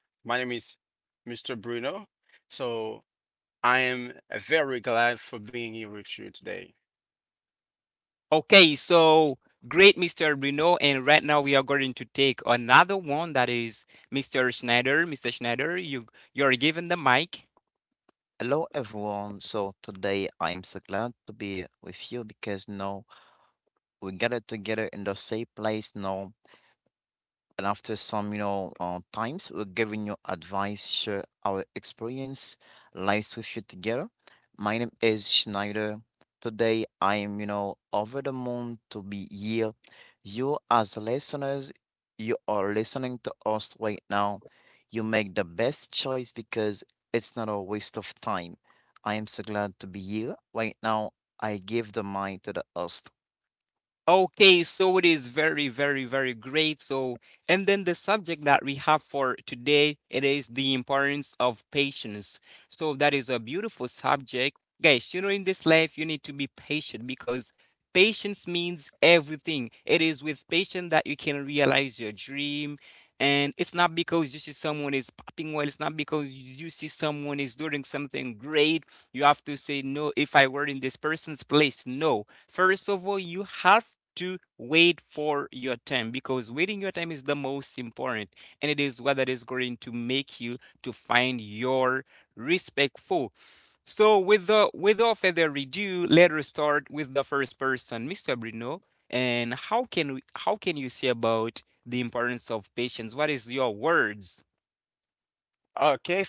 Hi, my name is Mr. Bruno. So I am very glad for being here with you today. Hello everyone. So today I'm so glad to be with you because now we gathered together in the same place now, and after some times, we're giving you advice, share our experience, lives with you together. My name is Schneider. Today, I am, over the moon to be here. You, as listeners, you are listening to us right now. You make the best choice because it's not a waste of time. I am so glad to be here. Right now, I give the mic to the host.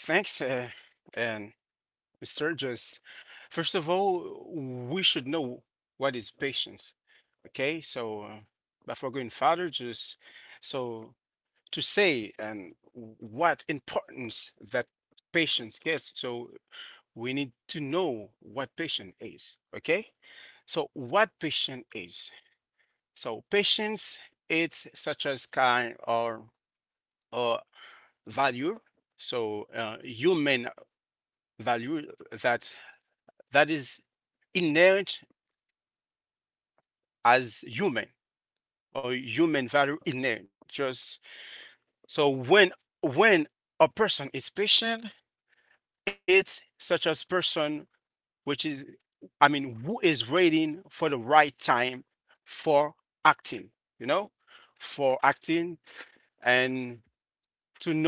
Okay, thanks. And Mr. Just, first of all, we should know what is patience. Okay, so before going further, just so to say and what importance that patience gets. So we need to know what patience is. Okay, so what patience is. So patience, it's such as kind or value. So human value that that is inherent as human or human value inherent. Just so when a person is patient, it's such as person which is who is waiting for the right time for acting, you know, for acting and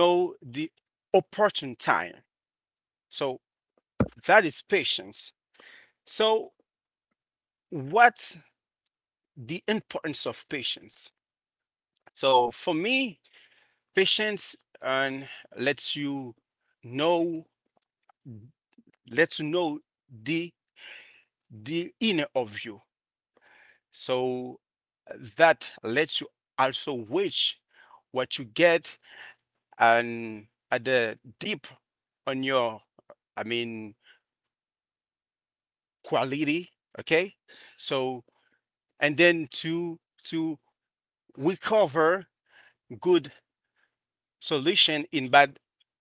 to know the opportune time. So that is patience. So what's the importance of patience? So for me, patience and lets you know lets you know the the inner of you. So that lets you also wish what you get and at the deep on your I mean quality. Okay. So and then to recover good solution in bad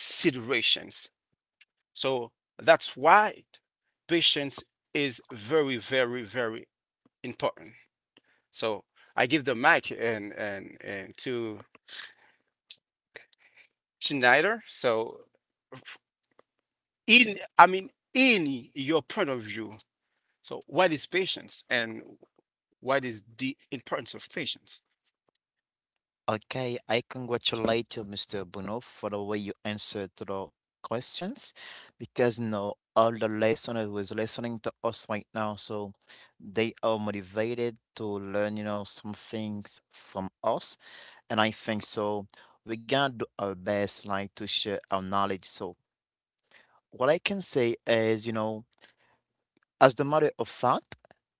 situations. So that's why patience is very, very, very important. So I give the mic and to Schneider. So in in your point of view, so what is patience and what is the importance of patience? Okay, I congratulate you, Mr. Bruno, for the way you answered to the questions, because all the listeners was listening to us right now, so they are motivated to learn, some things from us, and I think so. We're gonna do our best, like to share our knowledge. So what I can say is, as the matter of fact,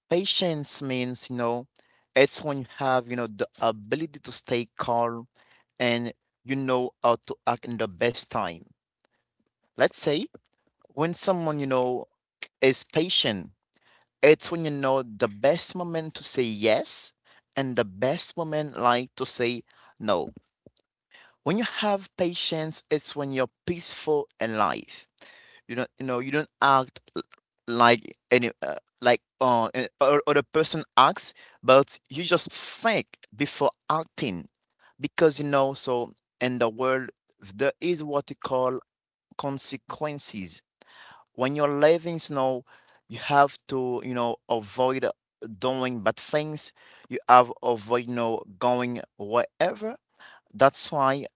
patience means, it's when you have, the ability to stay calm, and you know how to act in the best time. Let's say when someone is patient, it's when you know the best moment to say yes and the best moment like to say no. When you have patience, it's when you're peaceful in life. You don't act like any, like or other person acts, but you just think before acting, because you know. So in the world, there is what you call consequences. When you're living, you have to, avoid doing bad things. You have avoid, going wherever. That's why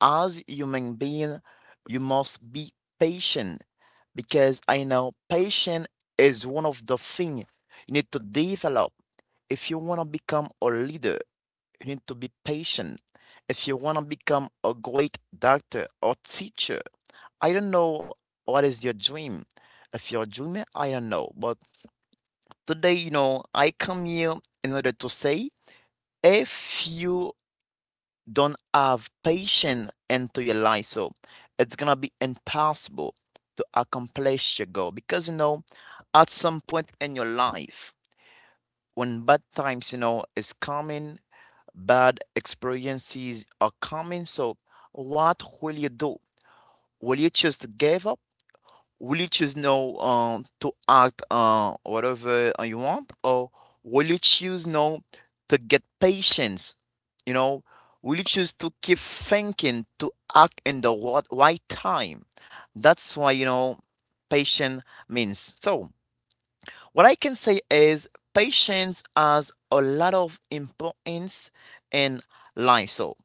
as human being, you must be patient, because I know patience is one of the things you need to develop. If you want to become a leader, you need to be patient. If you want to become a great doctor or teacher, I don't know what is your dream. If you're a dreamer, I don't know. But today, I come here in order to say, if you don't have patience into your life, so it's gonna be impossible to accomplish your goal, because at some point in your life, when bad times is coming, bad experiences are coming. So what will you do? Will you just give up? Will you choose no to act, whatever, you want, or will you choose no to get patience? You know, will you choose to keep thinking to act in the what right time? That's why patience means. So what I can say is, patience has a lot of importance in life. So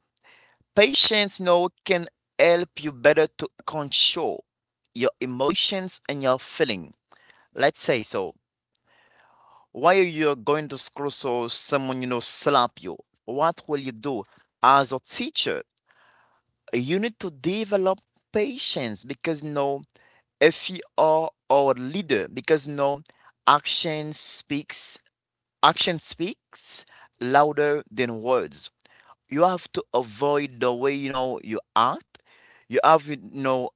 patience, can help you better to control your emotions and your feelings. Let's say so. While you're going to school, so someone, slap you, what will you do? As a teacher, you need to develop patience because, if you are our leader, because, action speaks, action speaks louder than words. You have to avoid the way, you act. You have,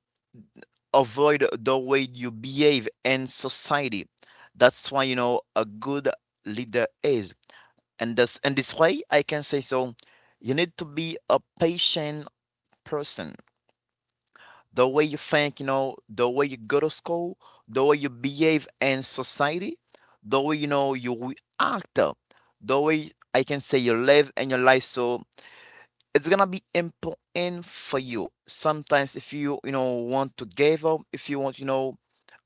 avoid the way you behave in society. That's why you know a good leader is. And this way I can say, so you need to be a patient person. The way you think, the way you go to school, the way you behave in society, the way you act, the way I can say you live and your life. So it's gonna be important for you sometimes if you you know want to give up. If you want you know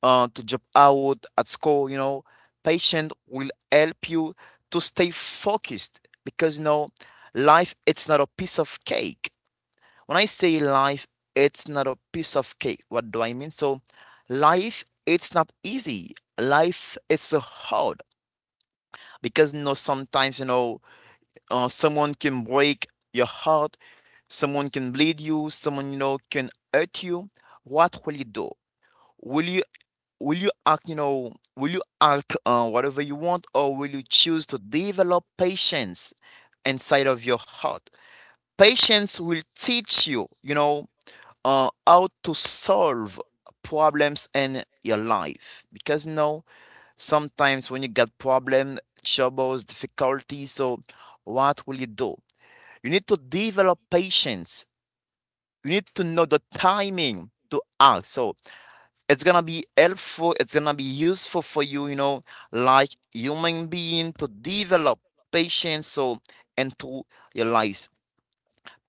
uh, to job out at school, patient will help you to stay focused, because life, it's not a piece of cake. When I say life it's not a piece of cake, what do I mean? So life, it's not easy, life it's hard, because sometimes someone can break your heart. Someone can bleed you, someone can hurt you. What will you do? Will you will you act on whatever you want, or will you choose to develop patience inside of your heart? Patience will teach you, how to solve problems in your life, because sometimes when you get problem, troubles, difficulties. So what will you do? You need to develop patience. You need to know the timing to act. So it's gonna be helpful, it's gonna be useful for you, like human being, to develop patience so into your lives.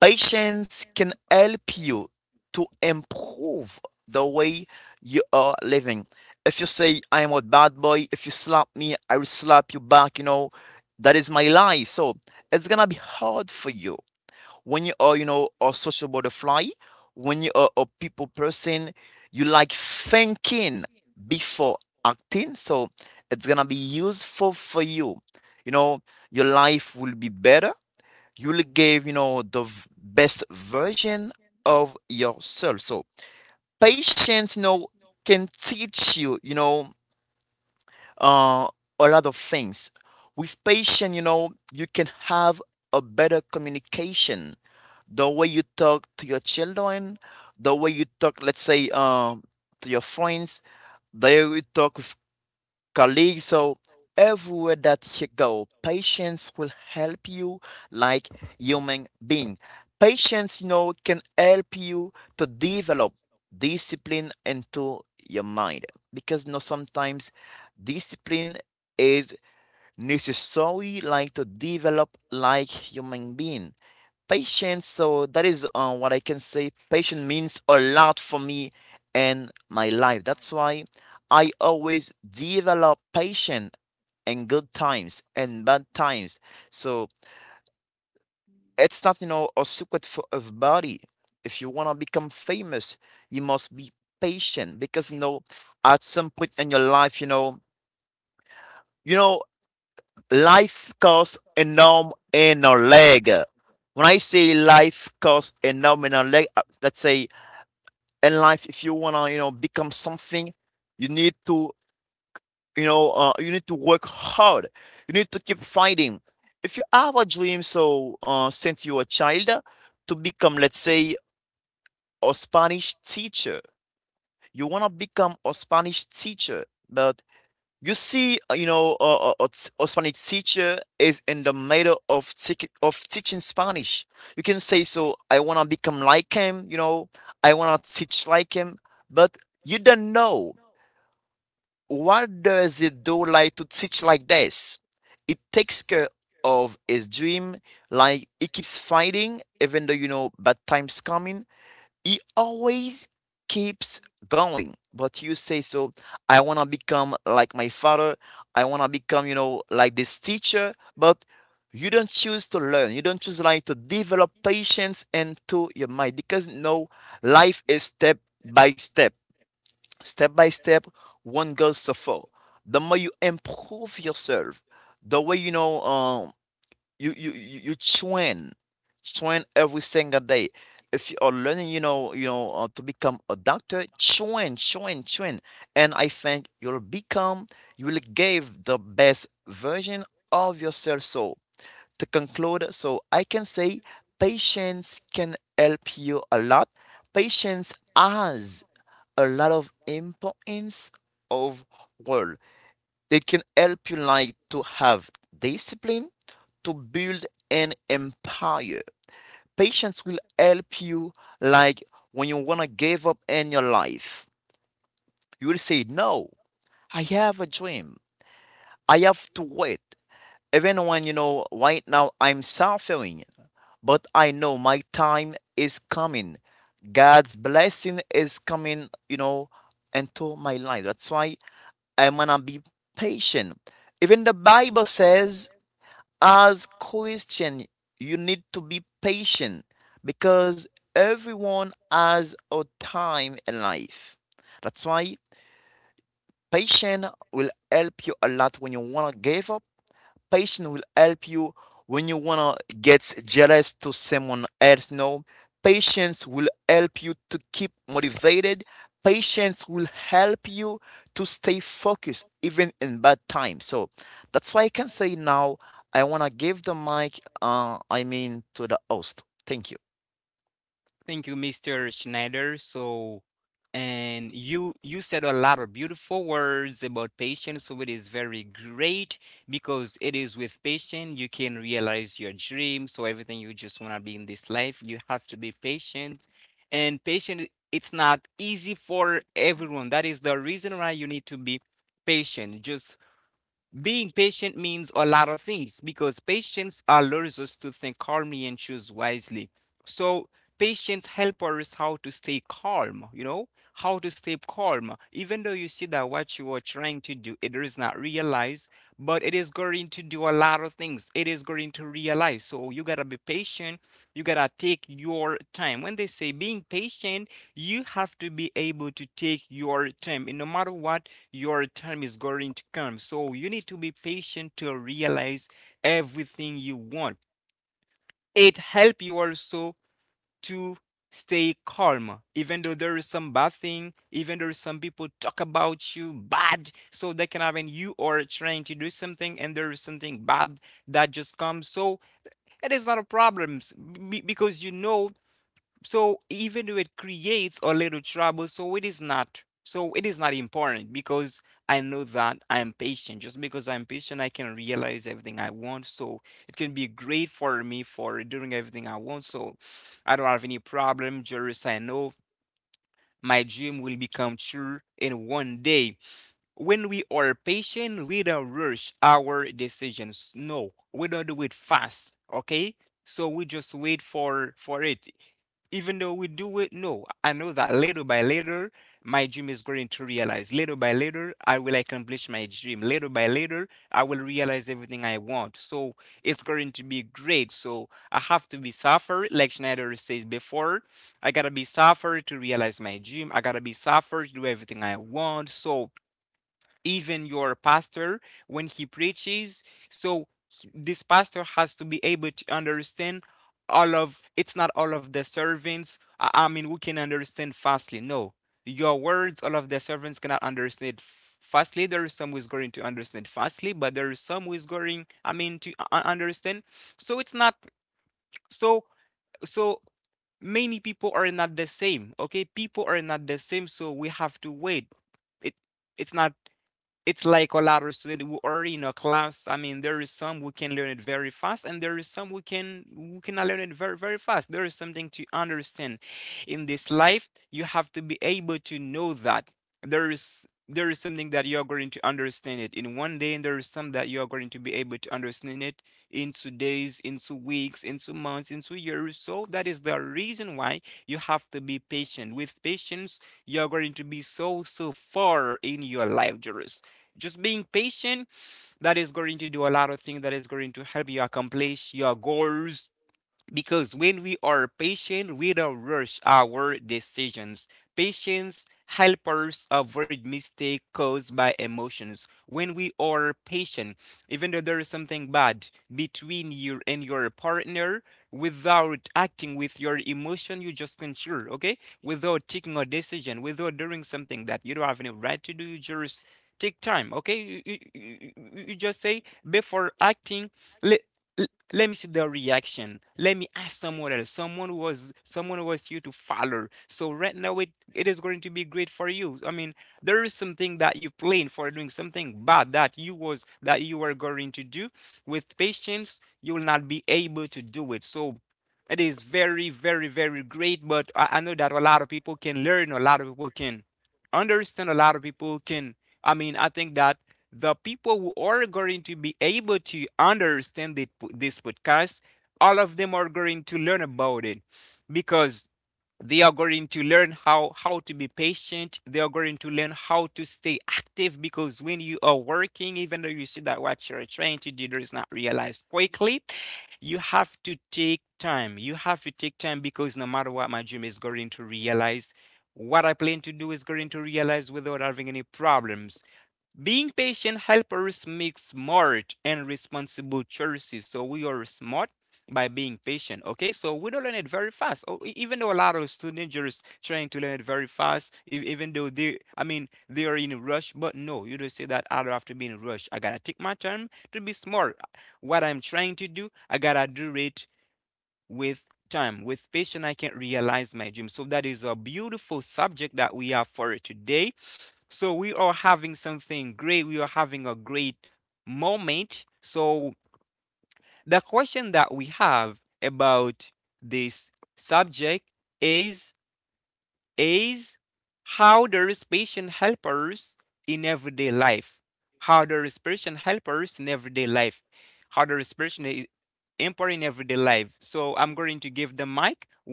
Patience can help you to improve the way you are living. If you say I am a bad boy, if you slap me, I will slap you back, you know, that is my life. So it's gonna be hard for you. When you are, a social butterfly, when you are a people person, you like thinking before acting. So it's gonna be useful for you. You know, your life will be better. You will give, the best version of yourself. So patience, can teach you, uh, a lot of things. With patience, you can have a better communication, the way you talk to your children, the way you talk, let's say, to your friends, the way you talk with colleagues. So everywhere that you go, patience will help you, like human being. Patience, can help you to develop discipline into your mind, because sometimes discipline is necessary, like to develop like human being patience. So that is what I can say. Patience means a lot for me and my life. That's why I always develop patience in good times and bad times. So it's not, a secret for everybody. If you want to become famous, you must be patient, because, at some point in your life, you know, life costs a norm and a leg. When I say life costs a norm and a leg, let's say, in life if you want to become something, you need to work hard, you need to keep fighting. If you have a dream, so since you're a child, to become, let's say, a Spanish teacher. You want to become a Spanish teacher, but you see, a Spanish teacher is in the middle of of teaching Spanish. You can say, so I want to become like him, I want to teach like him, but you don't know. What does it do like to teach like this? It takes care of his dream, like he keeps fighting, even though bad times coming. He always keeps going. But you say, so I wanna become like my father, I wanna become, like this teacher, but you don't choose to learn, you don't choose like to develop patience into your mind, because no, life is step by step, step by step, one goes so far. The more you improve yourself, the way you train, train every single day. If you are learning, to become a doctor, train, train, train, and I think you'll become, you will give the best version of yourself. So to conclude, so I can say patience can help you a lot. Patience has a lot of importance of world. It can help you like to have discipline, to build an empire. Patience will help you, like when you wanna give up in your life. You will say, no, I have a dream, I have to wait. Even when, right now I'm suffering, but I know my time is coming. God's blessing is coming, into my life. That's why I'm gonna be patient. Even the Bible says, as Christian, you need to be patient, because everyone has a time in life. That's why patience will help you a lot when you wanna give up. Patience will help you when you wanna get jealous to someone else. No, patience will help you to keep motivated. Patience will help you to stay focused even in bad times. So that's why I can say now, I wanna give the mic. I mean, to the host. Thank you.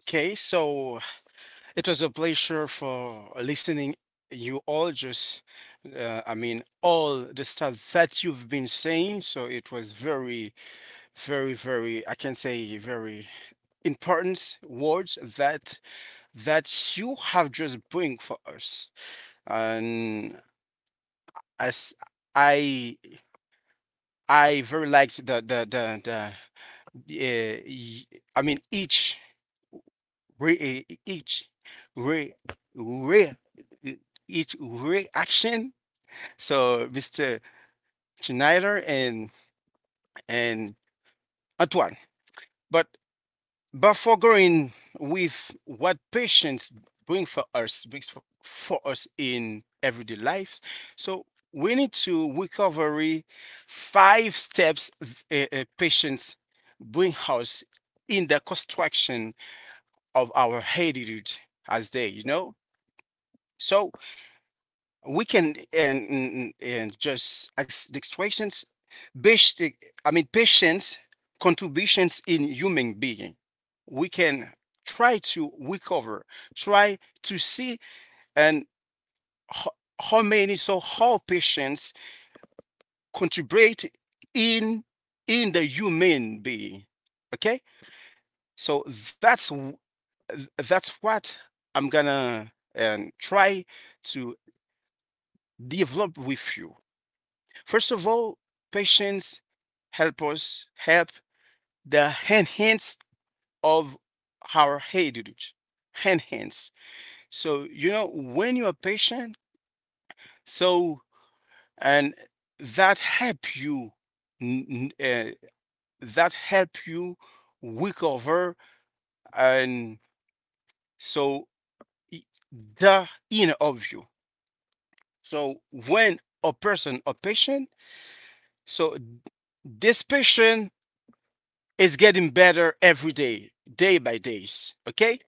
Okay, so it was a pleasure for listening you all just I mean all the stuff that you've been saying. So it was very, very, very I can say very important words that that you have just bring for us. And as I I very liked the uh, y- I mean each re, eh, each re, re eh, each reaction. So Mr. Schneider and Antoine, but but for going with what patience bring for us, brings for us in everyday life, so we need to recovery five steps patience bring us in the construction of our heritage as they, you know. So we can and just ex- the extractions basic. I mean patients contributions in human being we can try to recover, try to see and ho- how many, so how patients contribute in in the human being. Okay, so that's what I'm gonna try to develop with you. First of all, patience help us help the enhance of our heritage. Enhance. So you know when you are patient, so and that help you n- n- uh, that help you recover and so i- the inner of you. So when a person a patient, so this patient is getting better every day, day by days. Okay?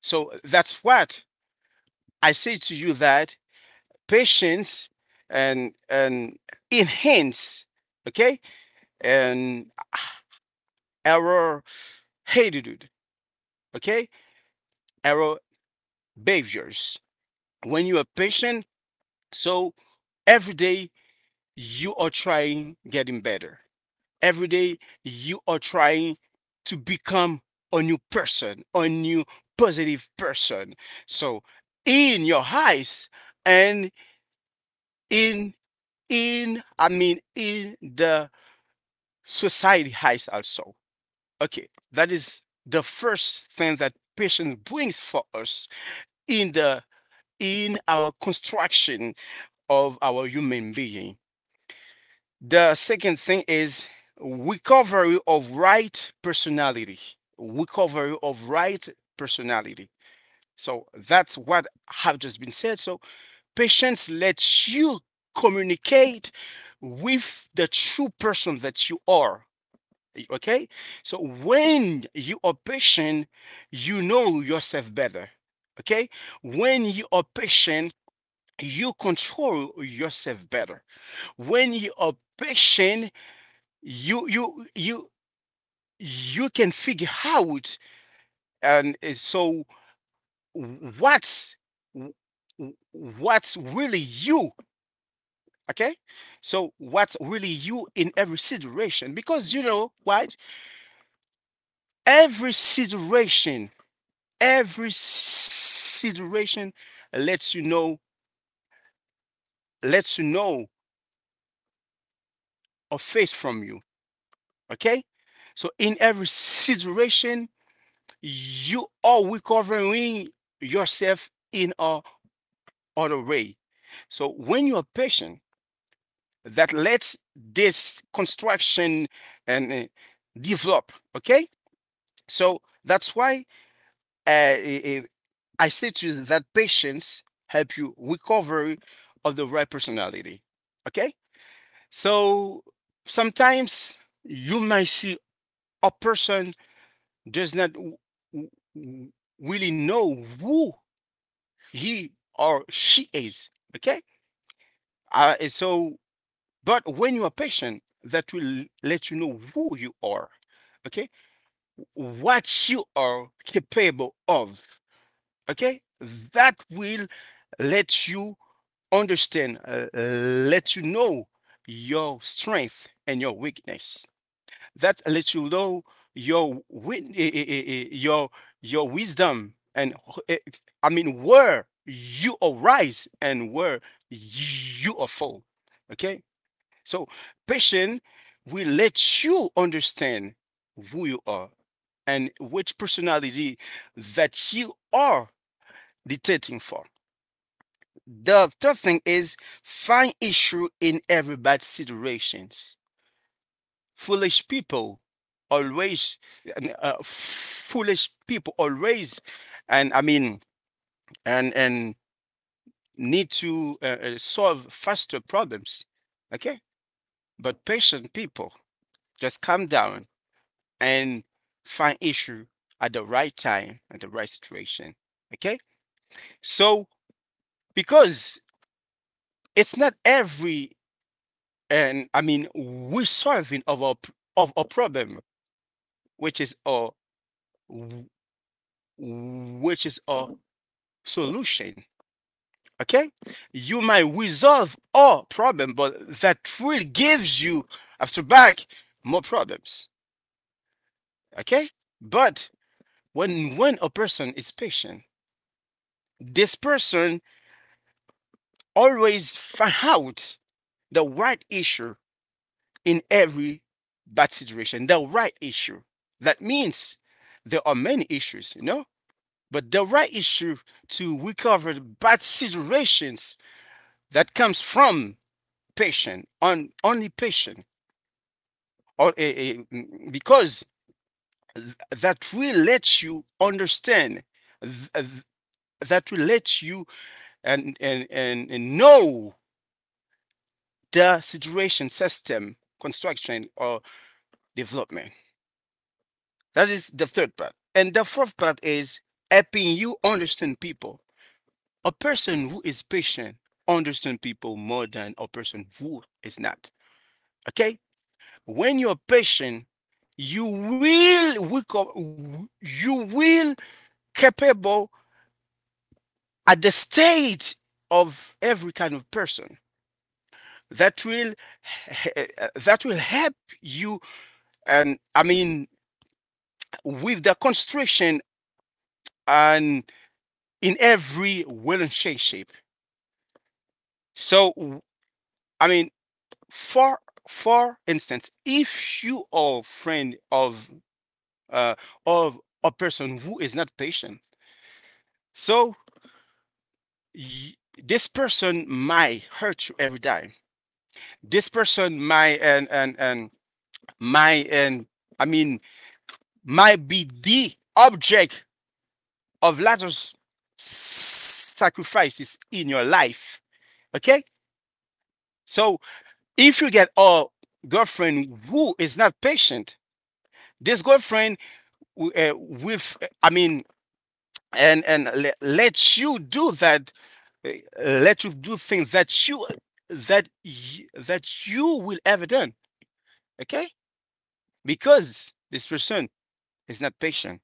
So that's what I say to you that patience and enhance, okay, and our attitude, okay, our behaviors. When you are patient, so every day you are trying getting better. Every day you are trying to become a new person, a new positive person. So in your eyes and in in I mean in the society eyes also. Okay, that is the first thing that patience brings for us in the in our construction of our human being. The second thing is recovery of right personality. Recovery of right personality. So that's what have just been said. So patience lets you communicate with the true person that you are. Okay? So when you are patient, you know yourself better. Okay? When you are patient, you control yourself better. When you are patient, you you can figure out and so what's what's really you, okay, so what's really you in every situation, because you know what, every situation every situation lets you know lets you know a face from you. Okay, so in every situation you are recovering yourself in a other way. So when you're patient, that lets this construction and develop. Okay, so that's why I say to you that patience help you recover of the right personality. Okay, so sometimes you might see a person does not w- w- really know who he or she is. Okay, uh, so But when you are patient, that will let you know who you are, okay? What you are capable of, okay? That will let you understand, let you know your strength and your weakness. That lets you know your your wisdom and eh, I mean where you are rise and where you are fall. Okay, so passion will let you understand who you are and which personality that you are dictating for. The third thing is find issue in every bad situations. Foolish people always foolish people always and I mean and need to solve faster problems. Okay? But patient people just calm down and find issue at the right time at the right situation. Okay, so because it's not every and I mean we solving of our of a problem which is a which is a solution. Okay, you might resolve all problem but that will gives you after back more problems. Okay, but when a person is patient, this person always find out the right issue in every bad situation. The right issue. That means there are many issues, you know, but the right issue to recover bad situations that comes from patient, on only patient, or because that will let you understand, th- th- that will let you and know the situation system construction or development. That is the third part. And the fourth part is helping you understand people. A person who is patient understands people more than a person who is not. Okay? When you're patient, you will wake up, you will capable at the state of every kind of person that will that will help you and I mean with the constriction and in every way and shape. Shape. So I mean, for for instance, if you are a friend uh, of a person who is not patient, so y- this person might hurt you every time. This person might and might and I mean might be the object of lot of sacrifices in your life. Okay, so if you get a girlfriend who is not patient, this girlfriend I mean, and let you do that, uh, let you do things that you will ever done. Okay, because this person is not patient.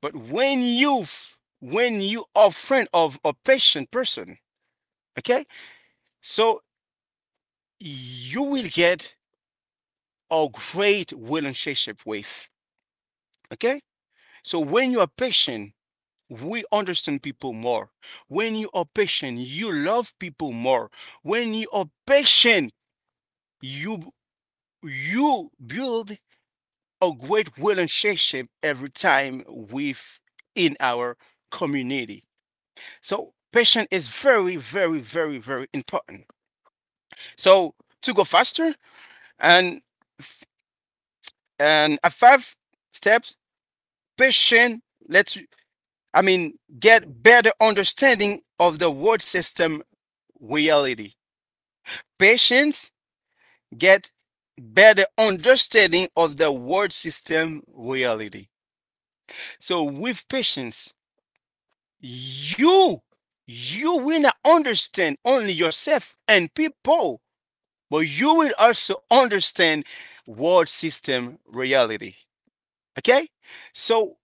But when you when you are friend of a patient person, okay, so you will get a great relationship with. Okay. So when you are patient, we understand people more. When you are patient, you love people more. When you are patient, you you build a great relationship every time with in our community. So patience is very, very, very, very important. So to go faster and and a five steps, patient. Let's I mean, get better understanding of the world system reality. Patients get better understanding of the world system reality. So with patience, you you will not understand only yourself and people, but you will also understand world system reality. Okay? So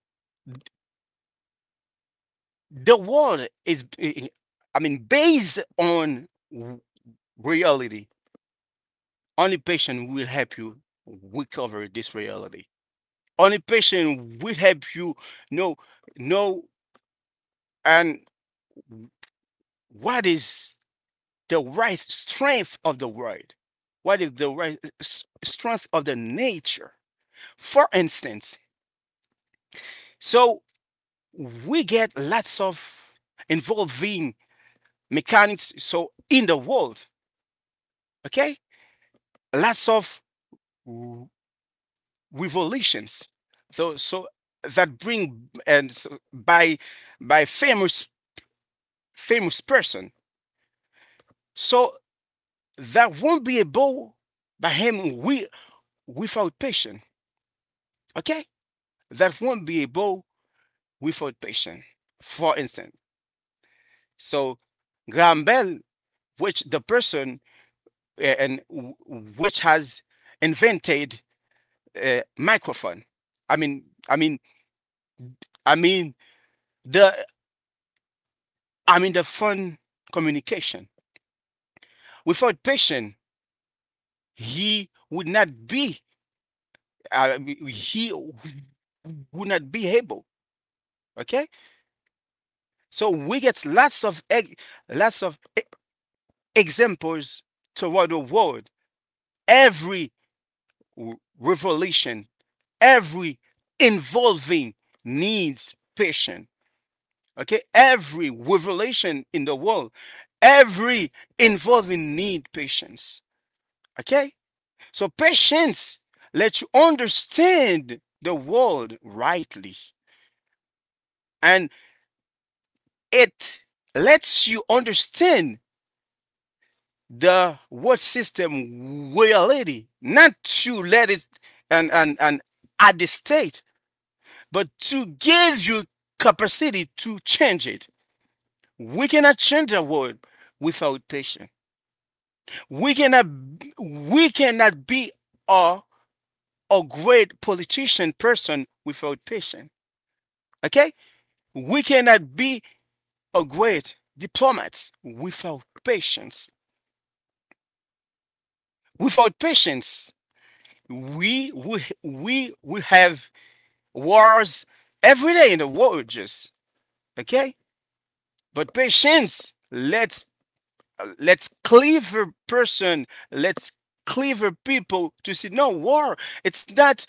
the world is I mean based on reality. Only patient will help you recover this reality. Only patient will help you know know and what is the right strength of the world. What is the right strength of the nature? For instance, so we get lots of involving mechanics so in the world, okay? Lots of revolutions though so that bring and so by famous person, so that won't be able by him we without patient. Okay, that won't be able without patient. For instance, so Graham Bell, which the person uh, and w- which has invented microphone, i mean i mean I mean the I mean the phone communication. Without patience, he would not be uh, he would not be able. Okay, so we get lots of lots of e- examples toward the world. Every revelation, every involving needs patience. Okay, every revelation in the world, every involving need patience. Okay, so patience lets you understand the world rightly and it lets you understand the world system reality, not to let it and at the state, but to give you capacity to change it. We cannot change the world without patience. We cannot we cannot be a a great politician person without patience. Okay? We cannot be a great diplomat without patience. Without patience, we have wars every day in the world, just okay. But patience, let's clever person, let's clever people to see no war. It's not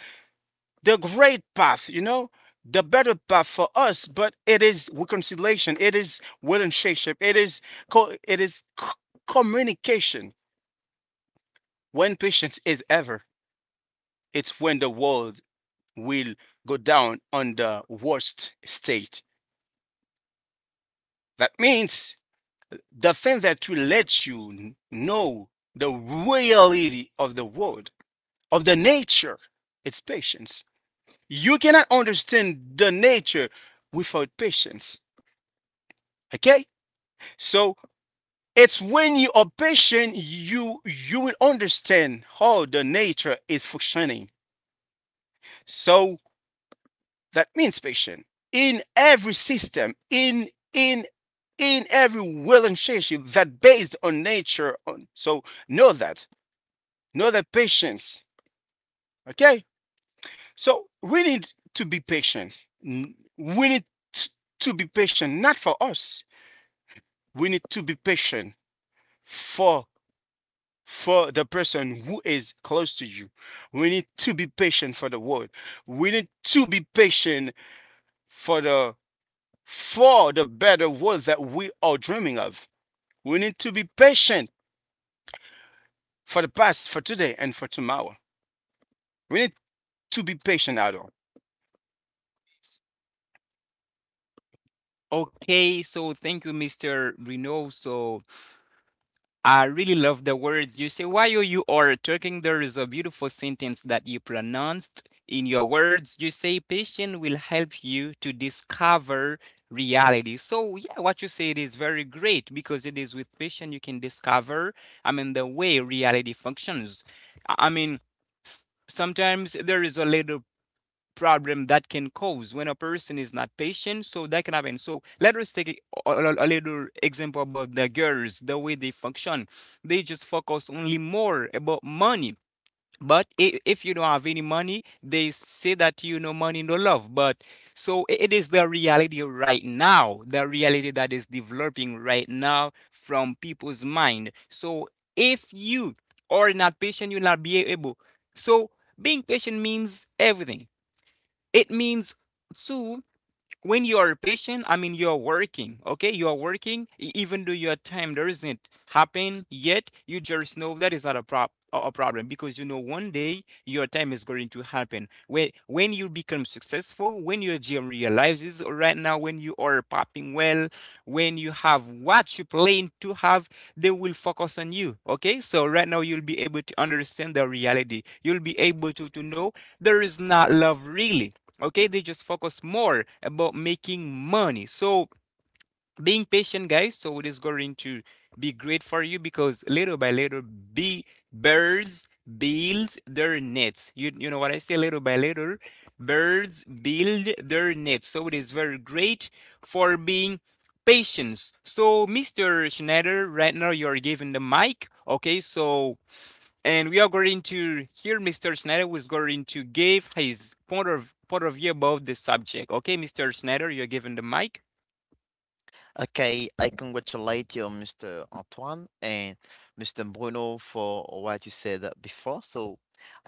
the great path, you know, the better path for us. But it is reconciliation. It is relationship. It is co- it is c- communication. When patience is ever, it's when the world will go down on the worst state. That means the thing that will let you know the reality of the world, of the nature, it's patience. You cannot understand the nature without patience. Okay? So it's when you are patient, you will understand how the nature is functioning. So that means patient in every system, in in every relationship that based on nature. On, so know that, know that patience. Okay. So we need to be patient. We need t- to be patient, not for us. We need to be patient for for the person who is close to you. We need to be patient for the world. We need to be patient for the for the better world that we are dreaming of. We need to be patient for the past, for today, and for tomorrow. We need to be patient at all. Okay, I congratulate you, Mr. Antoine and Mr. Bruno, for what you said before. So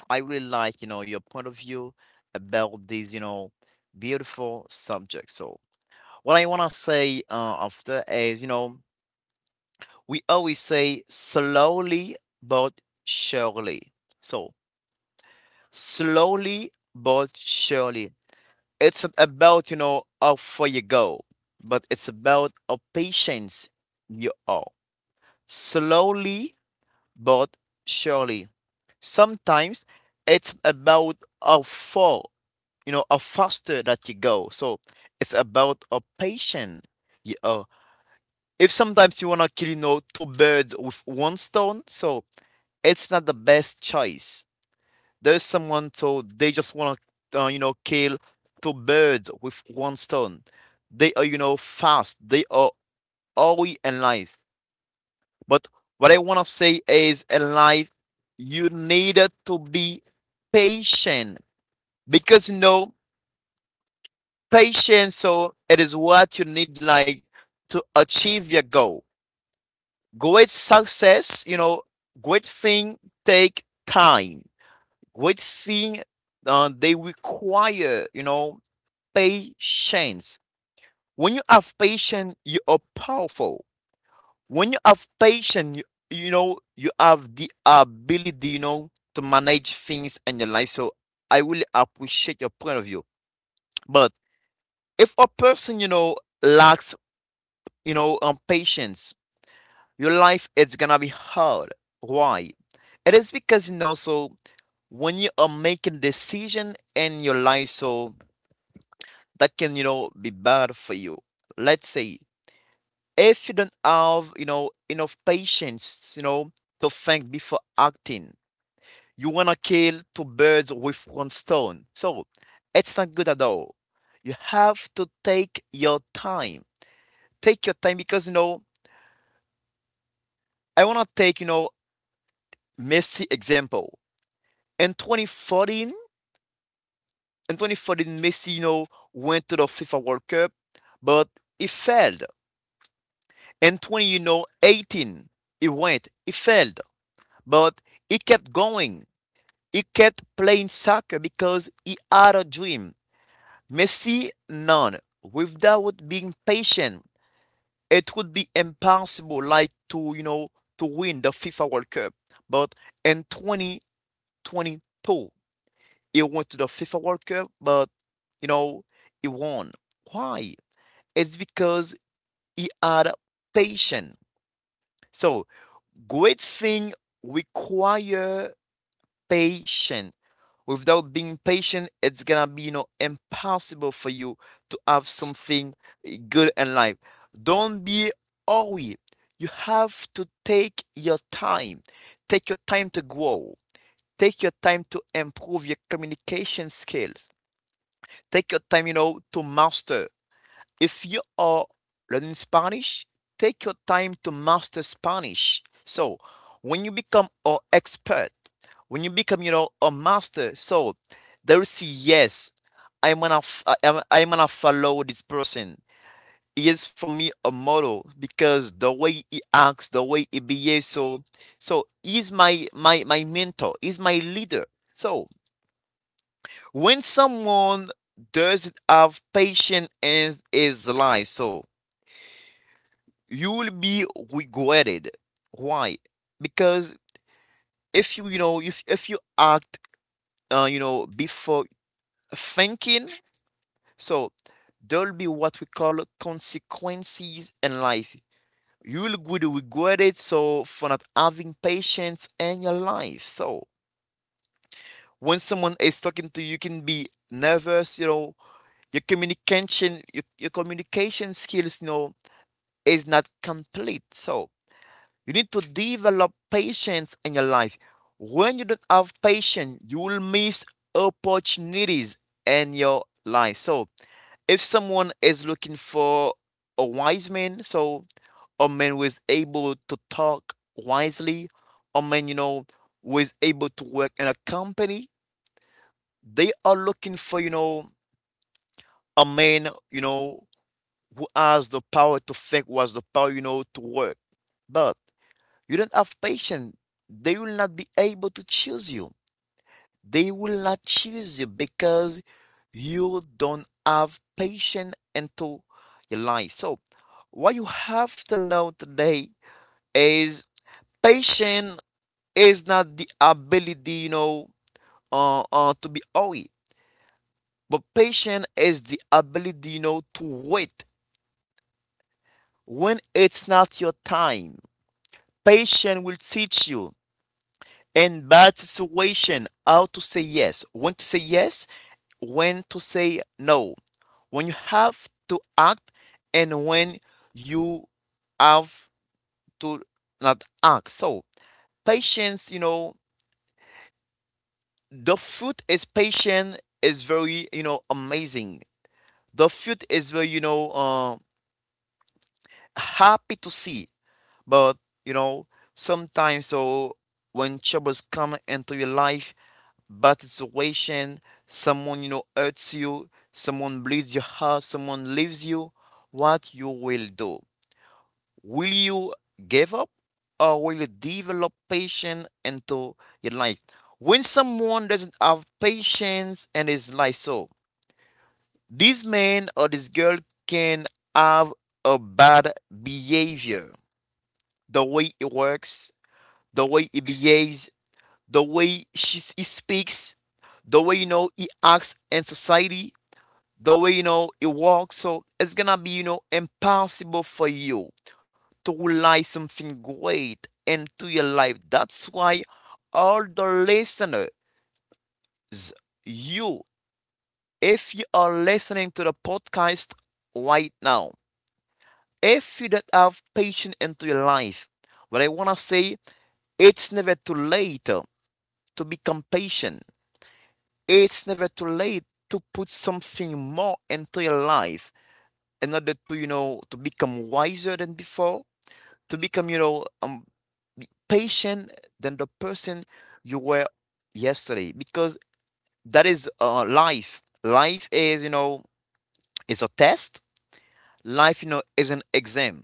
I really like, your point of view about these, beautiful subjects. So what I wanna say after is, we always say slowly but surely. So slowly but surely. It's not about, how far you go, but it's about how patient you are. Slowly but surely. Sometimes it's about how far, or faster that you go. So it's about a patient. You know, if sometimes you wanna kill, you know, two birds with one stone, so it's not the best choice. There's someone so they just wanna, you know, kill two birds with one stone. They are, you know, fast. They are early in life. But what I wanna say is, in life, you needed to be patient because you know patience. So it is what you need like to achieve your goal. Great success, you know, great thing take time. Great thing they require, you know, patience. When you have patience, you are powerful. When you have patience, you know, you have the ability, you know, to manage things in your life. So I really appreciate your point of view. But if a person, you know, lacks patience, your life is gonna be hard. Why? It is because you know, so when you are making decision in your life, so that can, you know, be bad for you. Let's say if you don't have, you know, enough patience, you know, to think before acting, you wanna kill two birds with one stone, so it's not good at all. You have to take your time. Take your time because you know, I want to take, you know, Messi example. In 2014, in 2014, Messi, you know, went to the FIFA World Cup, but he failed. In 20, you know, 18, he went, he failed, but he kept going. He kept playing soccer because he had a dream. Messi, none. Without being patient, it would be impossible, like to you know, to win the FIFA World Cup. But in 2022, he went to the FIFA World Cup, but you know, he won. Why? It's because he had patience. So great thing require patience. Without being patient, it's gonna be, you know, impossible for you to have something good in life. Don't be hurry. You have to take your time. Take your time to grow. Take your time to improve your communication skills. Take your time, you know, to master. If you are learning Spanish, take your time to master Spanish. So when you become an expert, when you become, you know, a master, so they will a yes, I'm gonna, f- I- I'm, I am I gonna follow this person. He is for me a model because the way he acts, the way he behaves, so so he's my mentor, he's my leader. So when someone doesn't have patience in his life, so you will be regretted. Why? Because if you act you know before thinking, so there'll be what we call consequences in life. You'll get regretted so for not having patience in your life. So when someone is talking to you, you can be nervous, you know, your communication skills, you know, is not complete, so you need to develop patience in your life. When you don't have patience, you will miss opportunities in your life. So if someone is looking for a wise man, so a man who is able to talk wisely, a man, you know, who is able to work in a company, they are looking for, you know, a man, you know, who has the power to think, who has the power, you know, to work. But you don't have patience. They will not be able to choose you. They will not choose you because you don't have patience into your life. So what you have to know today is, patience is not the ability, you know, to be away. But patience is the ability, you know, to wait when it's not your time. Patience will teach you in bad situation how to say yes, when to say yes, when to say no, when you have to act, and when you have to not act. So patience, you know, the fruit is patient is very, you know, amazing. The fruit is very, you know, happy to see. But you know, sometimes so when troubles come into your life, bad situation, someone you know hurts you, someone bleeds your heart, someone leaves you, what you will do? Will you give up, or will you develop patience into your life? When someone doesn't have patience in his life, so this man or this girl can have a bad behavior. The way it works, the way he behaves, the way he speaks, the way you know he acts in society, the way you know he walks. So it's gonna be, you know, impossible for you to realize something great into your life. That's why all the listeners, you, if you are listening to the podcast right now, if you don't have patience into your life, what I wanna say, it's never too late to become patient. It's never too late to put something more into your life in order to, you know, to become wiser than before, to become, you know, patient than the person you were yesterday. Because that is life. Life is, you know, is a test. Life, you know, is an exam.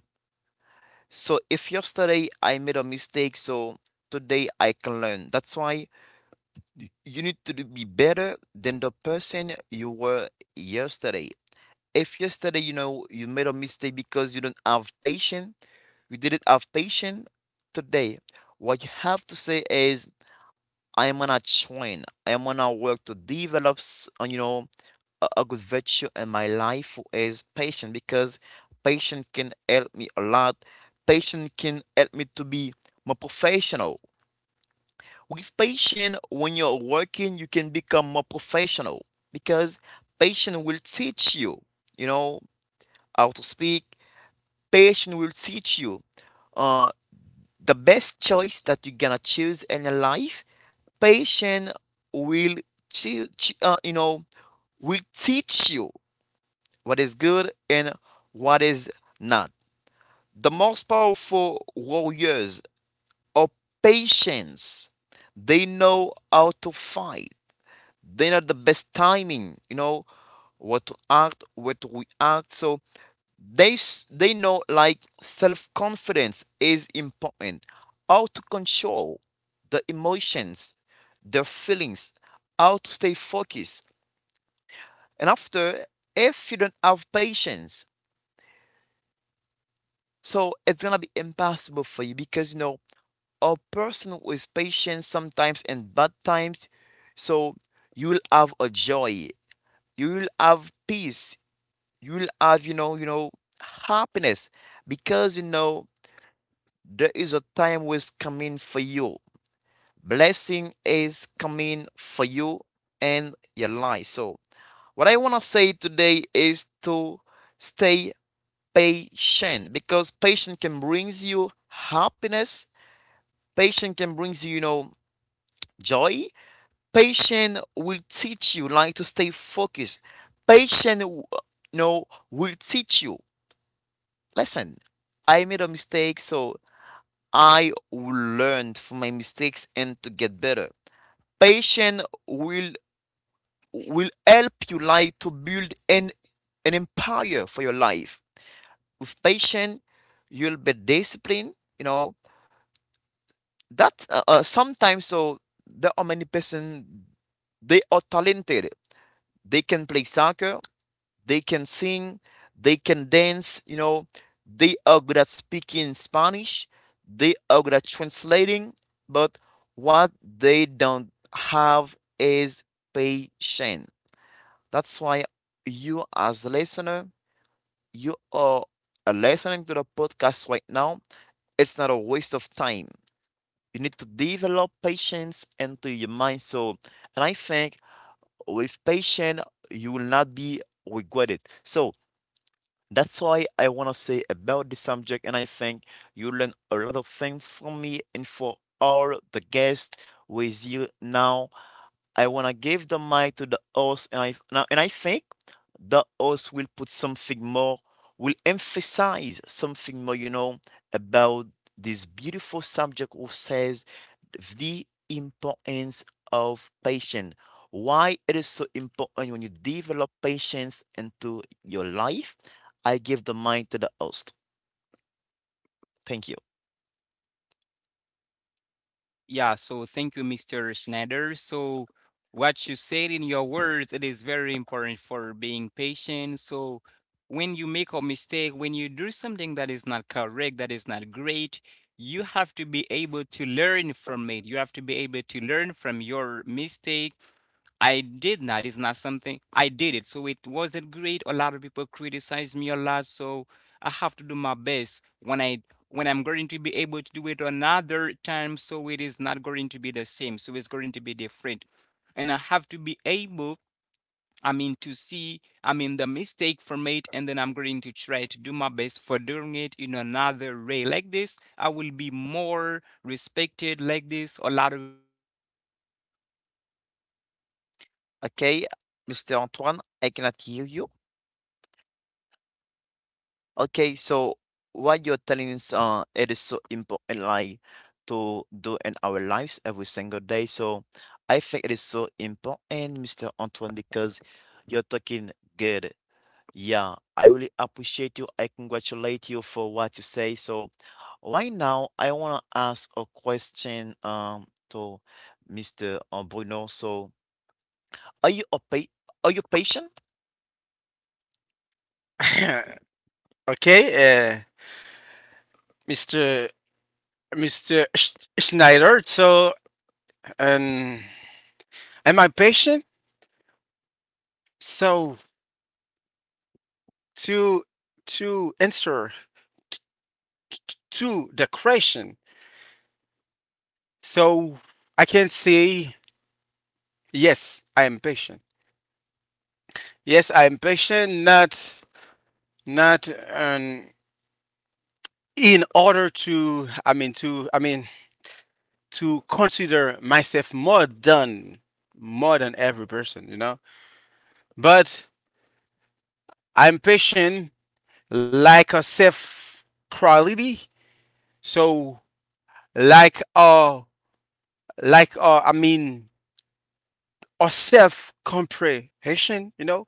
So if yesterday I made a mistake, so today I can learn. That's why you need to be better than the person you were yesterday. If yesterday, you know, you made a mistake because you don't have patience, you didn't have patience, today what you have to say is, I am gonna train, I am gonna work to develop you know, a good virtue in my life is patience, because patience can help me a lot. Patience can help me to be more professional. With patience, when you're working, you can become more professional, because patience will teach you, you know, how to speak. Patience will teach you uh, the best choice that you're gonna choose in your life. Patience will, you know, will teach you what is good and what is not. The most powerful warriors are patients. They know how to fight. They know the best timing, you know, what to act, what to react. So they know like self confidence is important. How to control the emotions, the feelings, how to stay focused. And after, if you don't have patience, so it's gonna be impossible for you because you know a person who is patient sometimes in bad times, so you will have a joy, you will have peace, you will have you know happiness, because you know there is a time which is coming for you. Blessing is coming for you and your life. So, what I want to say today is to stay patient, because patience can bring you happiness. Patience can bring you, you know, joy. Patience will teach you like to stay focused. Patience, you know, will teach you. Listen, I made a mistake, so I learned from my mistakes and to get better. Patience will help you like to build an empire for your life. With patience, you'll be disciplined. You know that sometimes so there are many person, they are talented. They can play soccer. They can sing. They can dance. You know they are good at speaking Spanish. They are good at translating. But what they don't have is patience. That's why you, as the listener, you are listening to the podcast right now. It's not a waste of time. You need to develop patience into your mind. So, and I think with patience, you will not be regretted. So, that's why I want to say about this subject, and I think you learn a lot of things from me and for all the guests with you now. I wanna give the mic to the host, and I now, and I think the host will put something more, will emphasize something more, you know, about this beautiful subject who says the importance of patience. Why it is so important when you develop patience into your life? I give the mic to the host. Thank you. Okay, Mr. Antoine, I cannot hear you. Okay, so what you're telling is it is so important like to do in our lives every single day. So I think it is so important, Mr. Antoine, because you're talking good. Yeah, I really appreciate you. I congratulate you for what you say. So right now I wanna ask a question to Mr. Bruno. So are you a pa are you patient? Okay, uh, Mr. Schneider. So, um, am I patient? So to to answer to the question. So I can say yes, I am patient. Yes, I am patient. Not um, in order to. I mean to consider myself more than every person. You know, but I'm patient like a self quality. So like a I mean or self comprehension. You know,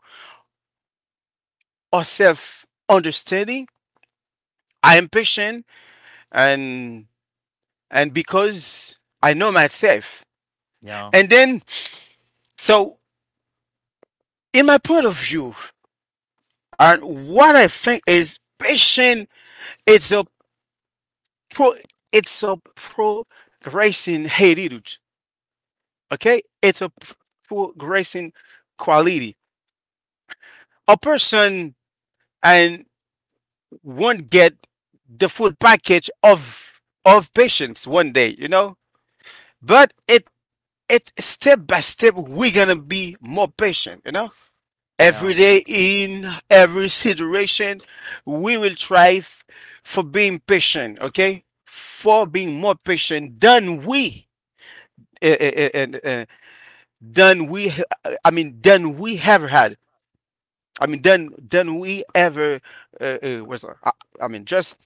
or self understanding. I am patient and and because I know myself. Yeah, And then so in my point of view, and what I think is patient it's a pro it's a progressing heritage. Okay? It's a progressing quality. A person and won't get the full package of patience one day, you know? But it step by step we're gonna be more patient, you know? yeah. Every day, in every situation, we will strive for being patient, okay? For being more patient uh, uh, uh, uh, uh, than we, I mean, than we ever had. I mean, than we ever was. I mean, just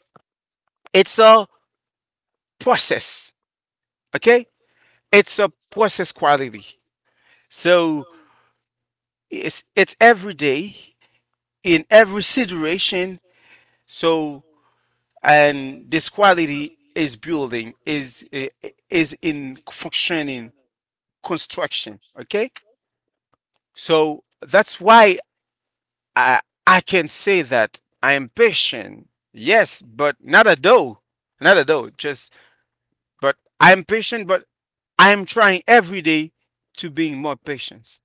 it's a process, okay? It's a process quality. So it's every day in every situation. So and this quality is building is in functioning construction, okay? So that's why i I can say that I am patient, yes, but not a dough. Not a dough, just but I'm patient, but I'm trying every day to being more patient.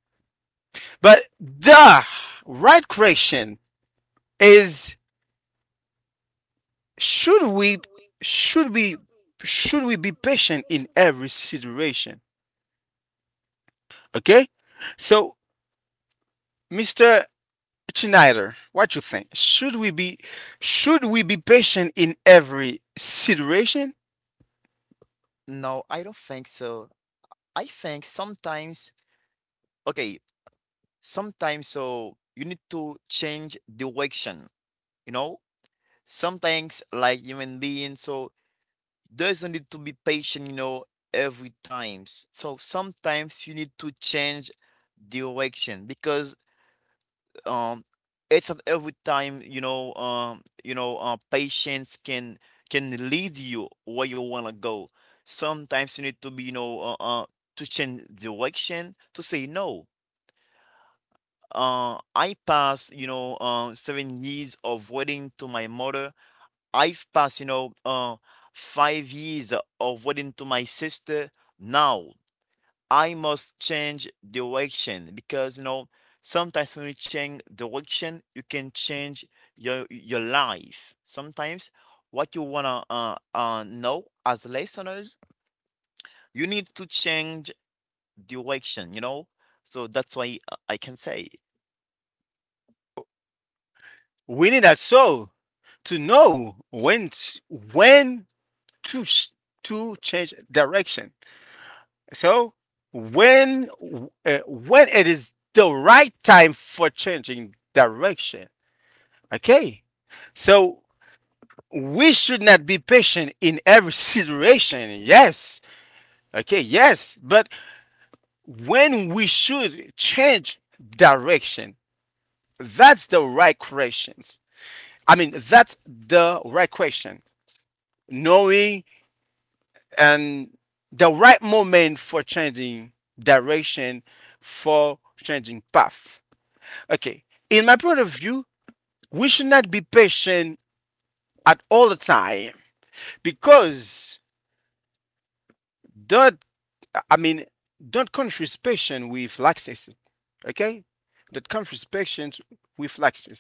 But the right question is, should we should we should we be patient in every situation? Okay? So, Mr. Schneider, what you think? Should we be patient in every situation? No, I don't think so. I think sometimes, okay, sometimes so you need to change direction, you know? Sometimes like human being, so doesn't need to be patient, you know, every times. So sometimes you need to change direction because um it's at every time patience can lead you where you want to go. Sometimes you need to be uh to change direction, to say no. I passed 7 years of waiting to my mother. I've passed 5 years of waiting to my sister. Now I must change direction because you know sometimes when you change direction, you can change your life. Sometimes what you wanna know as listeners, you need to change direction. You know, so that's why I can say We need us all to know when to sh- to change direction. So, when when it is the right time for changing direction. Okay? So, we should not be patient in every situation. Yes. Okay, yes, but when we should change direction. That's the right questions. I mean, that's the right question. Knowing and the right moment for changing direction, for changing path. Okay. In my point of view, we should not be patient at all the time because don't, I mean, don't confuse patience with laxity. Okay. Don't confuse patience with laxity.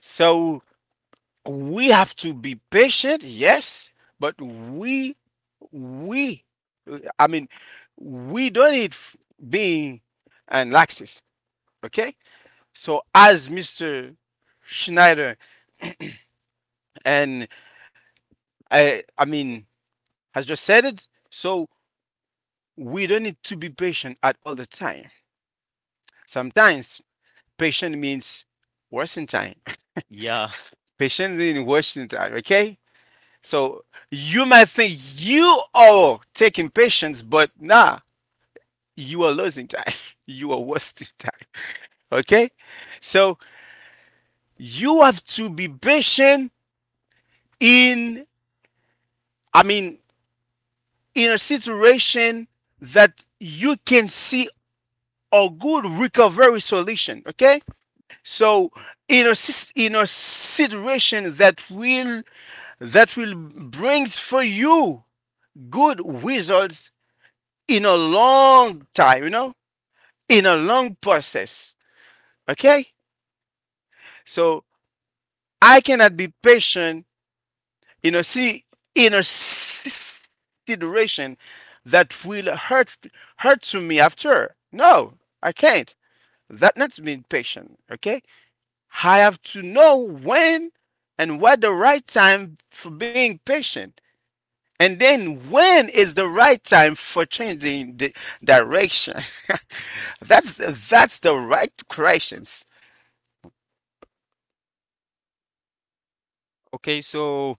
So we have to be patient, yes, but we I mean we don't need being and laxist. Okay, so as Mr. Schneider and I mean has just said it, so we don't need to be patient at all the time. Sometimes patient means wasting time. yeah. Patient means wasting time. Okay, so you might think you are taking patience, but nah you are losing time. You are wasting time. Okay? So you have to be patient in, I mean, in a situation that you can see a good recovery solution. Okay? So in a, in a situation that will brings for you good results in a long time, you know, in a long process. Okay? So I cannot be patient, you know, see inner consideration that will hurt to me after. No, I can't. That not being patient. Okay, I have to know when and what the right time for being patient, and then when is the right time for changing the direction. that's that's the right questions. Okay, so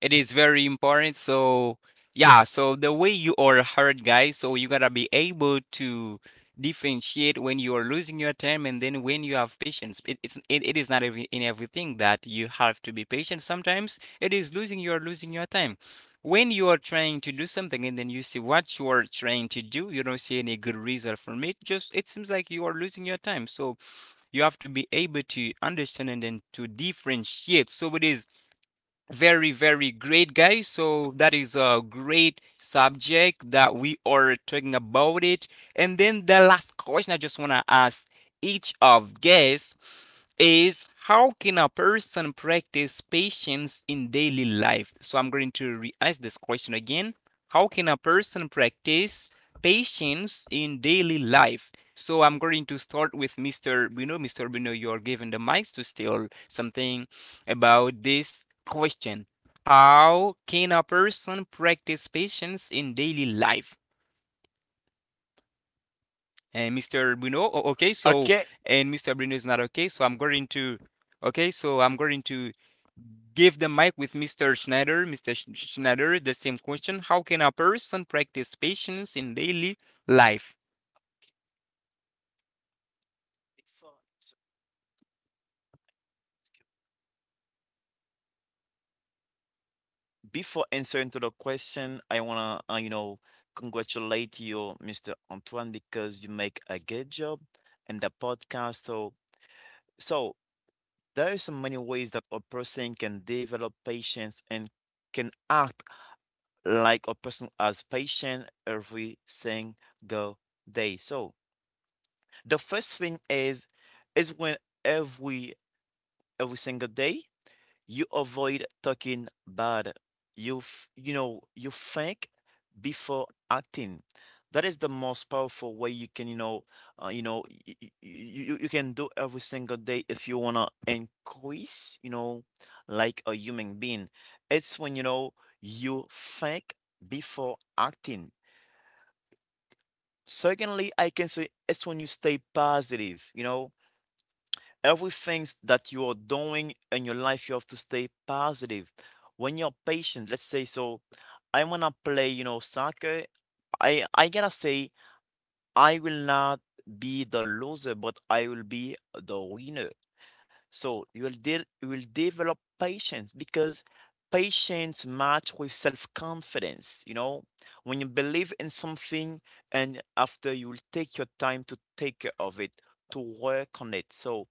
it is very important. So, yeah, so the way you are hurt, guys, so you gotta be able to differentiate when you are losing your time and then when you have patience. It is not in everything that you have to be patient. Sometimes it is losing your time. When you are trying to do something and then you see what you are trying to do, you don't see any good result from it, just it seems like you are losing your time. So you have to be able to understand and then to differentiate. So it is very, very great, guys. So that is a great subject that we are talking about it. And then the last question I just want to ask each of guests is how can a person practice patience in daily life? So I'm going to re ask this question again. How can a person practice patience in daily life? So I'm going to start with Mr. Bruno. Mr. Bruno, you're given the mics to tell something about this question. How can a person practice patience in daily life? And Mr. Bruno, okay, so, Okay, and Mr. Bruno is not okay, so I'm going to, okay, so I'm going to give the mic with Mr. Schneider. Mr. Schneider, the same question. How can a person practice patience in daily life? Before answering to the question, I wanna you know, congratulate you, Mr. Antoine, because you make a good job in the podcast. So so there are so many ways that a person can develop patience and can act like a person as patient every single day. So the first thing is when every every single day you avoid talking bad. You know, you think before acting. That is the most powerful way you can, you know, you can do every single day if you wanna increase, you know, like a human being. It's when, you know, you think before acting. Secondly, I can say it's when you stay positive, you know, everything that you are doing in your life, you have to stay positive. When you're patient, let's say, so I wanna play, you know, soccer. I gotta say, I will not be the loser, but I will be the winner. So you will develop patience because patience match with self-confidence. You know, when you believe in something, and after you will take your time to take care of it, to work on it. So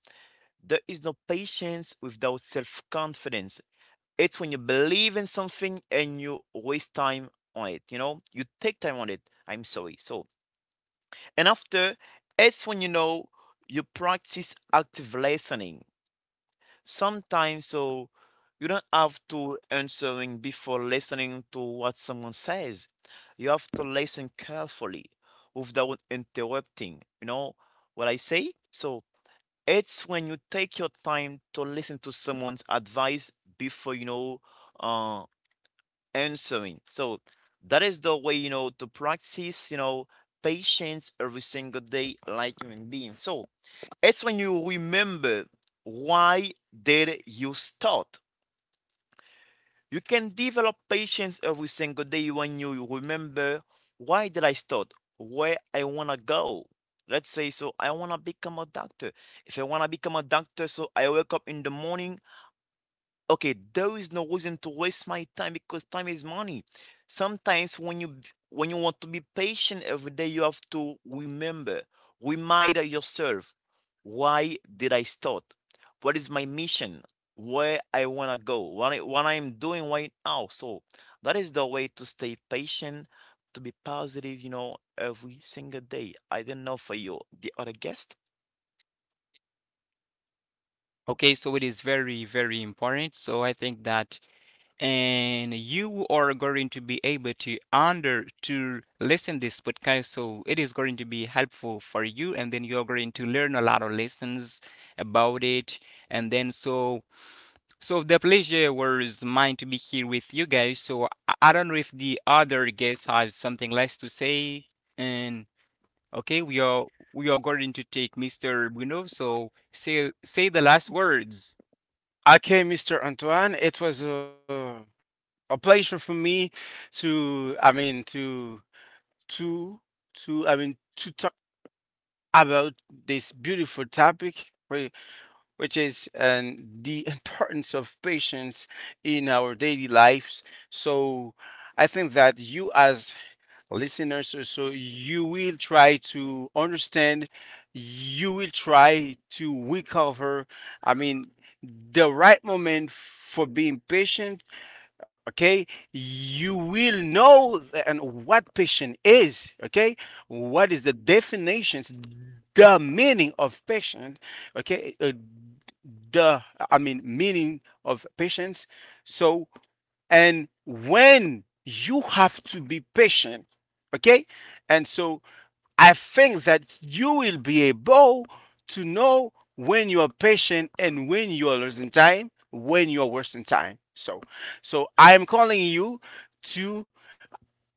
there is no patience without self confidence. It's when you believe in something and you waste time on it, you know? You take time on it. I'm sorry. So, and after, it's when you know you practice active listening. Sometimes, so you don't have to answering before listening to what someone says. You have to listen carefully without interrupting. You know what I say? So, it's when you take your time to listen to someone's advice before, you know, uh, answering. So that is the way, you know, to practice, you know, patience every single day like human beings. So it's when you remember, why did you start? You can develop patience every single day when you remember, why did I start? Where I wanna go. Let's say so I wanna become a doctor. If I wanna become a doctor, so I wake up in the morning. Okay, there is no reason to waste my time because time is money. Sometimes when you, when you want to be patient every day, you have to remember, remind yourself, why did I start? What is my mission? Where I wanna go? What I, what I'm doing right now. So that is the way to stay patient, to be positive. You know, every single day. I don't know for you, the other guest. Okay, so it is very, very important. So I think that, and you are going to be able to under to listen this podcast. So it is going to be helpful for you, and then you're going to learn a lot of lessons about it. And then so the pleasure was mine to be here with you guys. So I don't know if the other guests have something less to say. And okay, we are going to take Mr. Bruno. So say the last words, okay, Mr. Antoine, it was a pleasure for me to, I mean, to, to, I mean, to talk about this beautiful topic, which is the importance of patience in our daily lives. So I think that you, as listeners, so you will try to understand, you will try to recover, I mean, the right moment for being patient. Okay, you will know and what passion is. Okay, what is the definitions, the meaning of passion? Okay, the, I mean, meaning of patience. So and when you have to be patient. Okay, and so I think that you will be able to know when you are patient and when you are losing time, when you are wasting time. So, so I am calling you to,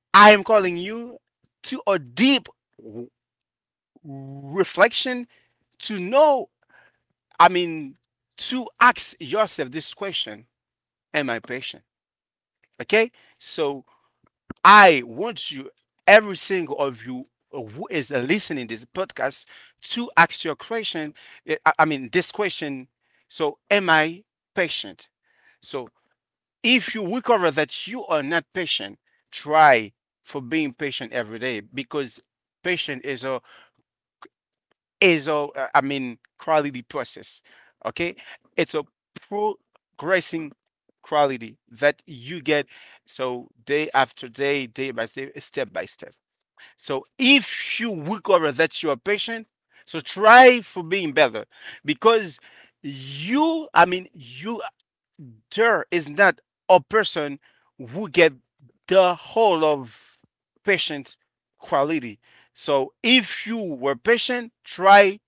I am calling you to a deep w- reflection to know, I mean, to ask yourself this question: am I patient? Okay. So, I want you, every single of you who is listening this podcast, to ask your question. I mean, this question. So, am I patient? So, if you recover that you are not patient, try for being patient every day because patient is a is a, I mean, quality process. Okay, it's a progressing quality that you get so day after day, day by day, step by step. So if you recover that you are patient, so try for being better because you, I mean, you there is not a person who get the whole of patient's quality. So if you were patient, try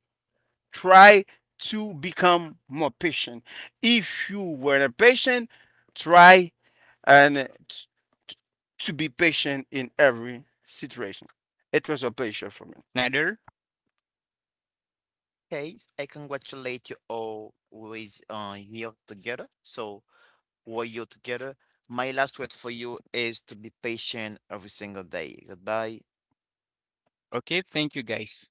try to become more patient. If you were not patient, try and t- to be patient in every situation. It was a pleasure for me. Nader. Okay, I congratulate you all with here together. So were you together. My last word for you is to be patient every single day. Goodbye. Okay, thank you guys.